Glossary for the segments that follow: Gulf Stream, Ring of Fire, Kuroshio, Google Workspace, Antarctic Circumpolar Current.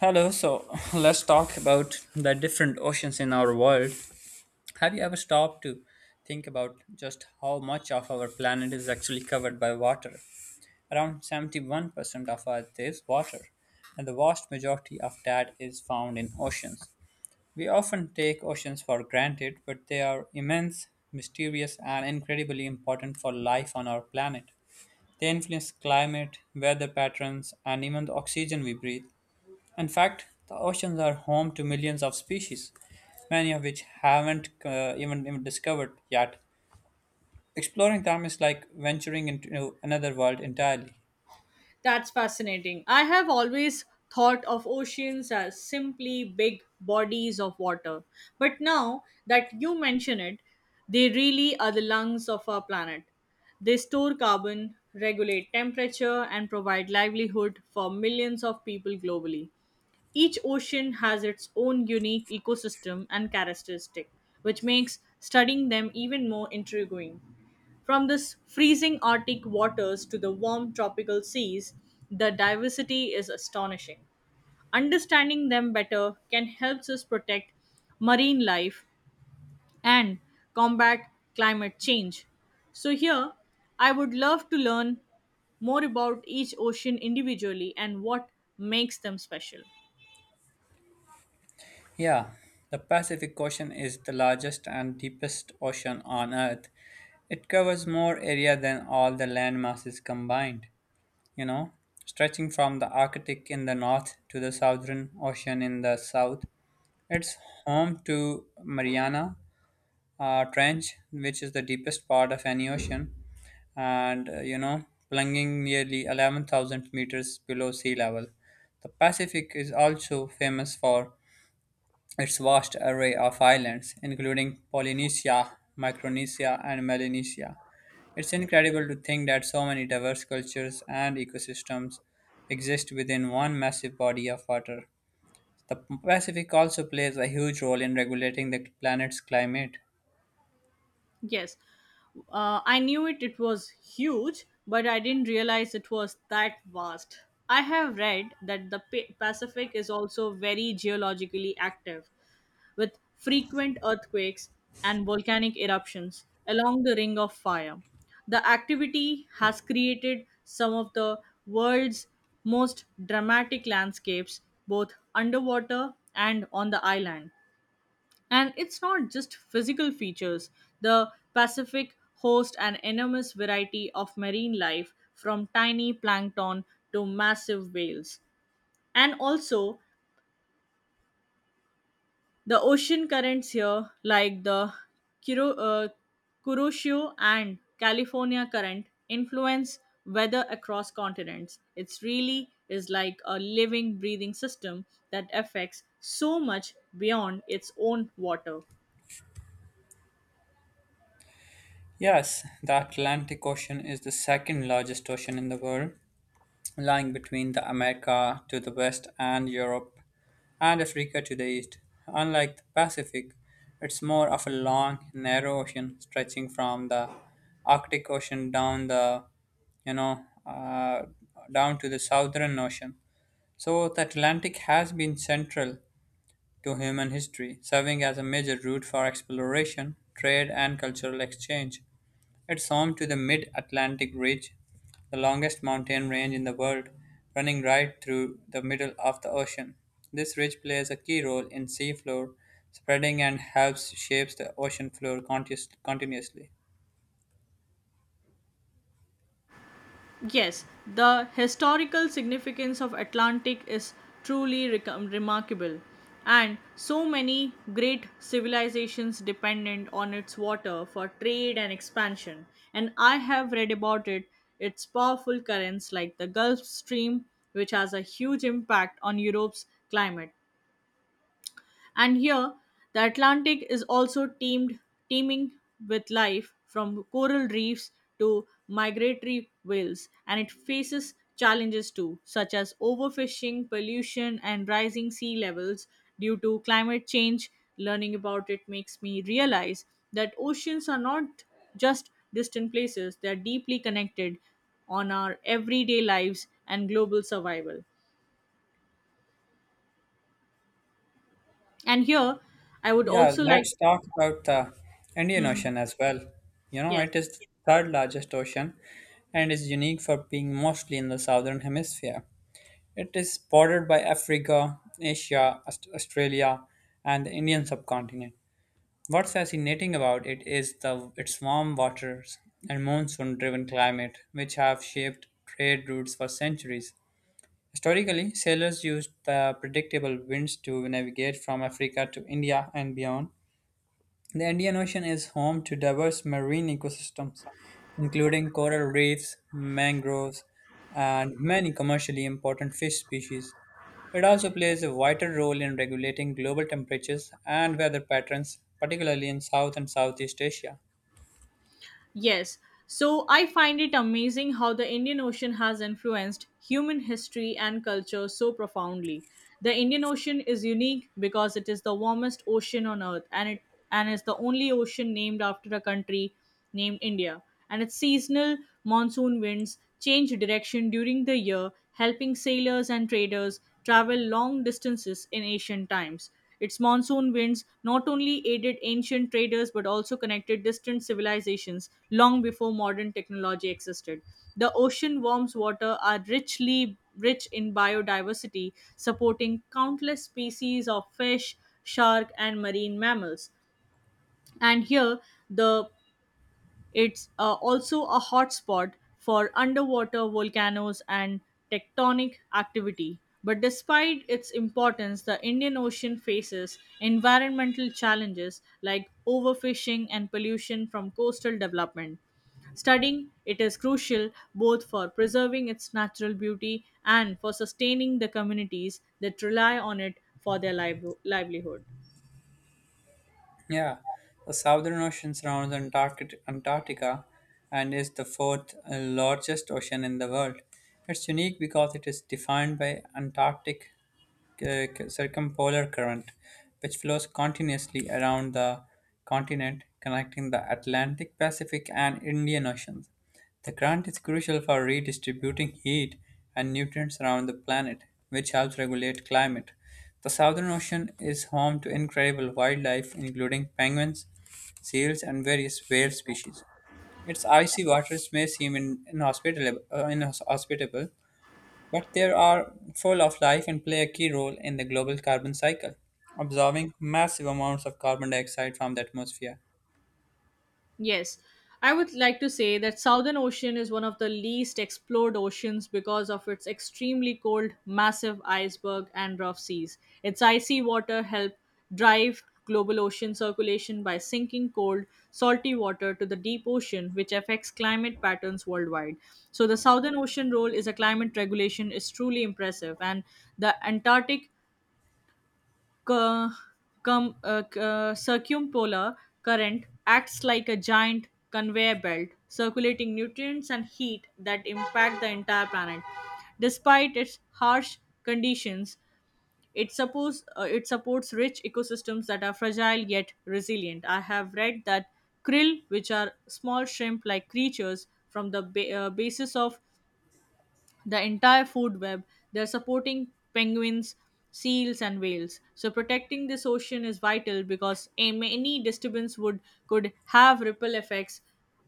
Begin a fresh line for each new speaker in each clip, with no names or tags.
Hello, so let's talk about the different oceans in our world. Have you ever stopped to think about just how much of our planet is actually covered by water? Around 71% of Earth is water, and the vast majority of that is found in oceans. We often take oceans for granted, but they are immense, mysterious, and incredibly important for life on our planet. They influence climate, weather patterns, and even the oxygen we breathe. In fact, the oceans are home to millions of species, many of which haven't even discovered yet. Exploring them is like venturing into another world entirely.
That's fascinating. I have always thought of oceans as simply big bodies of water. But now that you mention it, they really are the lungs of our planet. They store carbon, regulate temperature, and provide livelihood for millions of people globally. Each ocean has its own unique ecosystem and characteristic, which makes studying them even more intriguing. From the freezing Arctic waters to the warm tropical seas, the diversity is astonishing. Understanding them better can help us protect marine life and combat climate change. So, here I would love to learn more about each ocean individually and what makes them special.
Yeah, the Pacific Ocean is the largest and deepest ocean on Earth. It covers more area than all the land masses combined, you know, stretching from the Arctic in the north to the Southern Ocean in the south. It's home to Mariana trench, which is the deepest part of any ocean, and plunging nearly 11,000 meters below sea level. The Pacific is also famous for its vast array of islands, including Polynesia, Micronesia, and Melanesia. It's incredible to think that so many diverse cultures and ecosystems exist within one massive body of water. The Pacific also plays a huge role in regulating the planet's climate.
Yes, I knew it. It was huge, but I didn't realize it was that vast. I have read that the Pacific is also very geologically active, with frequent earthquakes and volcanic eruptions along the Ring of Fire. The activity has created some of the world's most dramatic landscapes, both underwater and on the island. And it's not just physical features. The Pacific hosts an enormous variety of marine life, from tiny plankton to massive whales. And also, the ocean currents here, like the Kiro, uh, Kuroshio and California current, influence weather across continents. It's really is like a living, breathing system that affects so much beyond its own water.
Yes, the Atlantic Ocean is the second largest ocean in the world, lying between the America to the west and Europe and Africa to the east. Unlike the Pacific, it's more of a long, narrow ocean stretching from the Arctic Ocean down you know, uh, down to the Southern Ocean. So the Atlantic has been central to human history, serving as a major route for exploration, trade, and cultural exchange. It's home to the Mid Atlantic Ridge, the longest mountain range in the world, running right through the middle of the ocean. This ridge plays a key role in seafloor spreading and helps shapes the ocean floor continuously.
Yes, the historical significance of Atlantic is truly remarkable, and so many great civilizations dependent on its water for trade and expansion, and I have read about it, its powerful currents like the Gulf Stream, which has a huge impact on Europe's climate. And here, the Atlantic is also teeming with life from coral reefs to migratory whales, and it faces challenges too, such as overfishing, pollution, and rising sea levels due to climate change. Learning about it makes me realize that oceans are not just distant places, they are deeply connected on our everyday lives and global survival. And here, I would
Yeah,
also like.
let's talk about the Indian
Mhm.
Ocean as well. You know,
Yes.
it is the third largest ocean and is unique for being mostly in the southern hemisphere. It is bordered by Africa, Asia, Australia, and the Indian subcontinent. What's fascinating about it is the its warm waters and monsoon-driven climate, which have shaped trade routes for centuries. Historically, sailors used the predictable winds to navigate from Africa to India and beyond, the Indian Ocean is home to diverse marine ecosystems, including coral reefs, mangroves, and many commercially important fish species. It also plays a vital role in regulating global temperatures and weather patterns, particularly in South and Southeast Asia.
Yes. So I find it amazing how the Indian Ocean has influenced human history and culture so profoundly. The Indian Ocean is unique because it is the warmest ocean on earth, and it and is the only ocean named after a country named India, and its seasonal monsoon winds change direction during the year, helping sailors and traders travel long distances in ancient times. Its monsoon winds not only aided ancient traders but also connected distant civilizations long before modern technology existed. The ocean warms water are rich in biodiversity, supporting countless species of fish, shark, and marine mammals. And here, the it's also a hotspot for underwater volcanoes and tectonic activity. But despite its importance, the Indian Ocean faces environmental challenges like overfishing and pollution from coastal development. Studying it is crucial both for preserving its natural beauty and for sustaining the communities that rely on it for their livelihood.
Yeah, the Southern Ocean surrounds Antarctica and is the fourth largest ocean in the world. It's unique because it is defined by Antarctic circumpolar current, which flows continuously around the continent, connecting the Atlantic, Pacific, and Indian Oceans. The current is crucial for redistributing heat and nutrients around the planet, which helps regulate climate. The Southern Ocean is home to incredible wildlife, including penguins, seals, and various whale species. Its icy waters may seem inhospitable, but they are full of life and play a key role in the global carbon cycle, absorbing massive amounts of carbon dioxide from the atmosphere.
Yes, I would like to say that Southern Ocean is one of the least explored oceans because of its extremely cold, massive iceberg and rough seas. Its icy water help drive global ocean circulation by sinking cold, salty water to the deep ocean, which affects climate patterns worldwide. So the Southern Ocean role is a climate regulation is truly impressive, and the Antarctic cu- circumpolar current acts like a giant conveyor belt, circulating nutrients and heat that impact the entire planet. Despite its harsh conditions, it supports rich ecosystems that are fragile yet resilient. I have read that krill, which are small shrimp-like creatures from the basis of the entire food web. They're supporting penguins, seals, and whales. So protecting this ocean is vital because any disturbance would could have ripple effects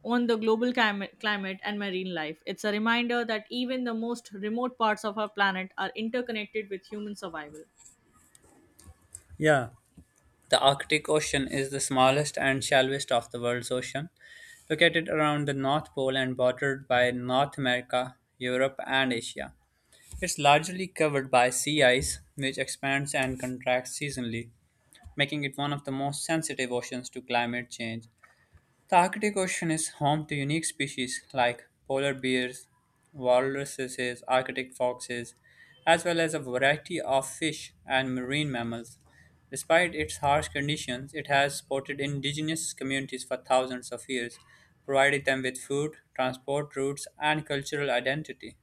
on the global climate and marine life. It's a reminder that even the most remote parts of our planet are interconnected with human survival.
Yeah, the Arctic Ocean is the smallest and shallowest of the world's ocean, located around the North Pole and bordered by North America, Europe, and Asia. It's largely covered by sea ice, which expands and contracts seasonally, making it one of the most sensitive oceans to climate change. The Arctic Ocean is home to unique species like polar bears, walruses, Arctic foxes, as well as a variety of fish and marine mammals. Despite its harsh conditions, it has supported indigenous communities for thousands of years, provided them with food, transport routes, and cultural identity.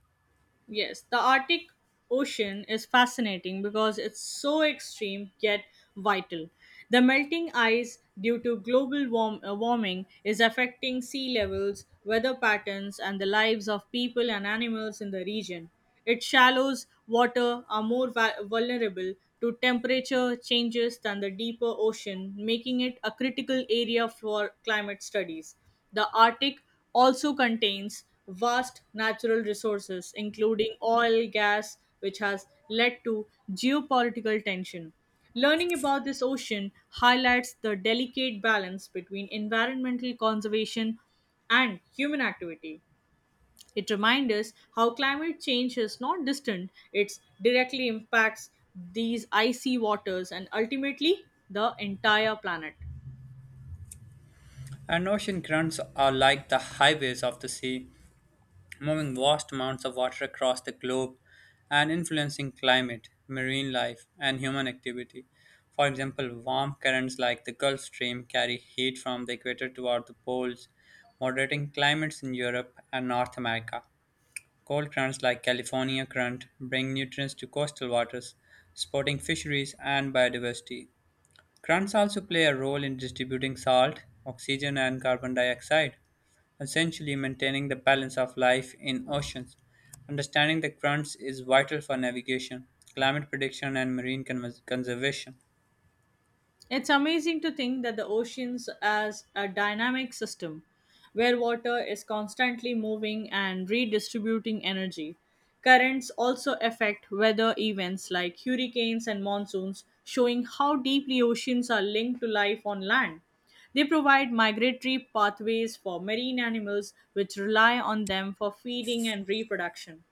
Yes, the Arctic Ocean is fascinating because it's so extreme yet vital. The melting ice due to global warming is affecting sea levels, weather patterns, and the lives of people and animals in the region. Its shallows water are more vulnerable to temperature changes than the deeper ocean, making it a critical area for climate studies. The Arctic also contains vast natural resources, including oil, gas, which has led to geopolitical tension. Learning about this ocean highlights the delicate balance between environmental conservation and human activity. It reminds us how climate change is not distant, it directly impacts these icy waters and ultimately the entire planet.
And ocean currents are like the highways of the sea, moving vast amounts of water across the globe and influencing climate, marine life, and human activity. For example, warm currents like the Gulf Stream carry heat from the equator toward the poles, moderating climates in Europe and North America. Cold currents like California current bring nutrients to coastal waters, supporting fisheries and biodiversity. Currents also play a role in distributing salt, oxygen, and carbon dioxide, essentially maintaining the balance of life in oceans. Understanding the currents is vital for navigation, climate prediction, and marine conservation.
It's amazing to think that the oceans as a dynamic system where water is constantly moving and redistributing energy. Currents also affect weather events like hurricanes and monsoons, showing how deeply oceans are linked to life on land. They provide migratory pathways for marine animals which rely on them for feeding and reproduction.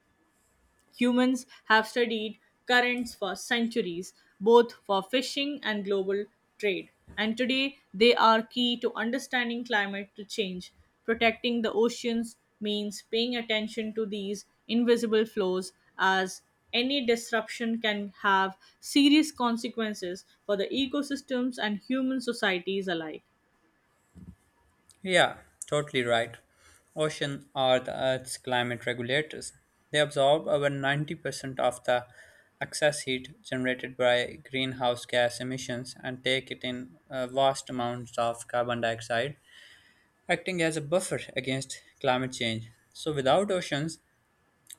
Humans have studied currents for centuries, both for fishing and global trade, and today they are key to understanding climate change. Protecting the oceans means paying attention to these invisible flows as any disruption can have serious consequences for the ecosystems and human societies alike.
Yeah, totally right. Oceans are the Earth's climate regulators. They absorb over 90% of the excess heat generated by greenhouse gas emissions and take it in vast amounts of carbon dioxide, acting as a buffer against climate change. So, without oceans,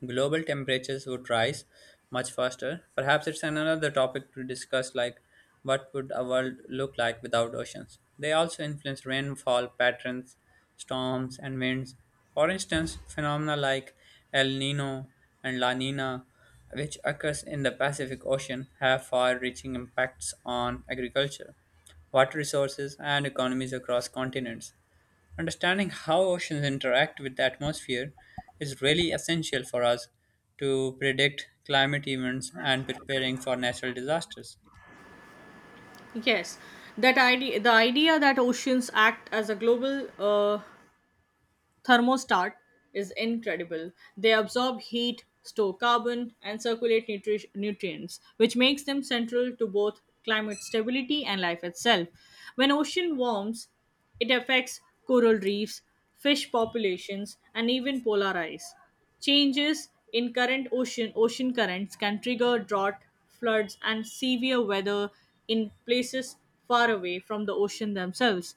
global temperatures would rise much faster. Perhaps it's another topic to discuss, like what would a world look like without oceans. They also influence rainfall patterns, storms, and winds. For instance, phenomena like El Nino and La Nina, which occurs in the Pacific Ocean, have far-reaching impacts on agriculture, water resources, and economies across continents. Understanding how oceans interact with the atmosphere is really essential for us to predict climate events and preparing for natural disasters.
Yes, the idea that oceans act as a global thermostat is incredible. They absorb heat, store carbon, and circulate nutrients, which makes them central to both climate stability and life itself. When ocean warms, it affects coral reefs, fish populations, and even polar ice. Changes in current ocean currents can trigger drought, floods, and severe weather in places far away from the ocean themselves.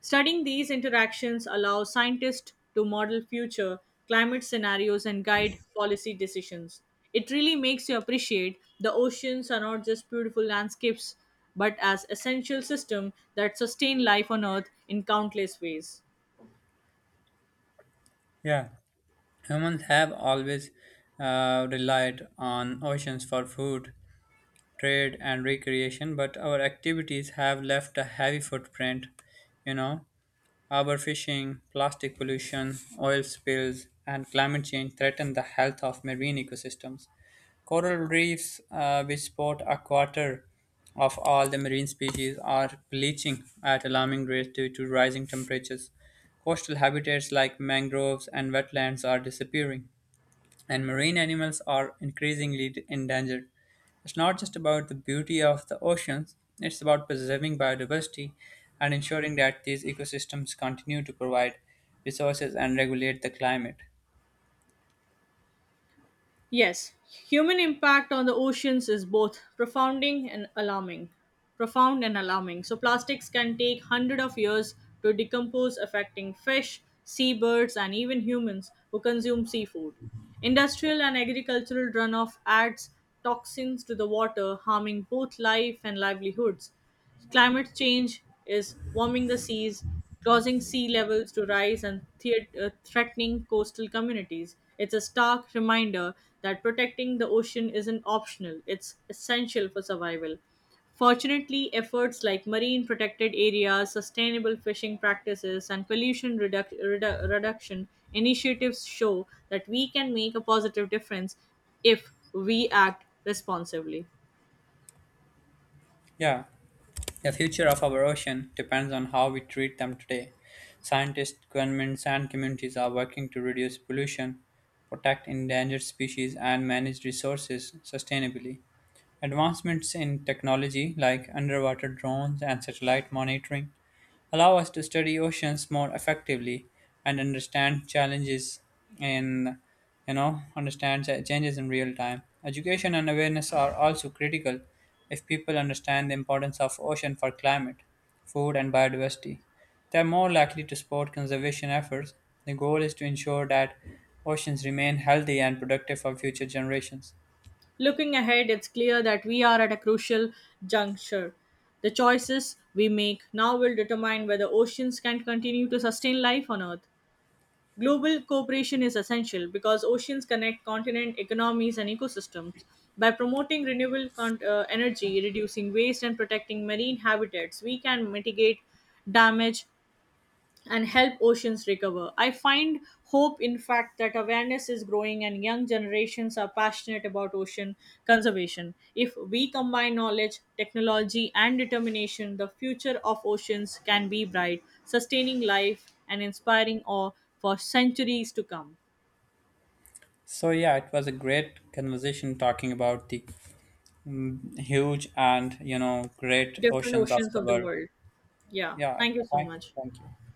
Studying these interactions allows scientists to model future climate scenarios and guide policy decisions. It really makes you appreciate the oceans are not just beautiful landscapes, but as essential system that sustain life on Earth in countless ways.
Yeah, humans have always relied on oceans for food, trade, and recreation, but our activities have left a heavy footprint, you know, overfishing, plastic pollution, oil spills, and climate change threaten the health of marine ecosystems. Coral reefs, which support a quarter of all the marine species, are bleaching at alarming rates due to rising temperatures. Coastal habitats like mangroves and wetlands are disappearing, and marine animals are increasingly endangered. It's not just about the beauty of the oceans, it's about preserving biodiversity and ensuring that these ecosystems continue to provide resources and regulate the climate.
Yes, human impact on the oceans is both profounding and alarming. Profound and alarming. So plastics can take hundred of years to decompose, affecting fish, seabirds, and even humans who consume seafood. Industrial and agricultural runoff adds toxins to the water, harming both life and livelihoods. Climate change is warming the seas, causing sea levels to rise and threatening coastal communities. It's a stark reminder that protecting the ocean isn't optional, it's essential for survival. Fortunately, efforts like marine protected areas, sustainable fishing practices, and pollution reduction initiatives show that we can make a positive difference if we act responsibly.
Yeah, the future of our ocean depends on how we treat them today. Scientists, governments, and communities are working to reduce pollution, protect endangered species, and manage resources sustainably. Advancements in technology like underwater drones and satellite monitoring allow us to study oceans more effectively and understand challenges in understand changes in real time. Education and awareness are also critical. If people understand the importance of ocean for climate, food, and biodiversity, they are more likely to support conservation efforts. The goal is to ensure that oceans remain healthy and productive for future generations.
Looking ahead, it's clear that we are at a crucial juncture. The choices we make now will determine whether oceans can continue to sustain life on Earth. Global cooperation is essential because oceans connect continent economies and ecosystems. By promoting renewable energy, reducing waste, and protecting marine habitats, we can mitigate damage and help oceans recover. I find hope, in fact, that awareness is growing and young generations are passionate about ocean conservation. If we combine knowledge, technology, and determination, the future of oceans can be bright, sustaining life and inspiring awe for centuries to come.
So yeah, it was a great conversation talking about the huge and, you know, great
Different
oceans of
oceans
the
of the
world.
world. Yeah,
Yeah,
thank you so
thank,
much.
thank you.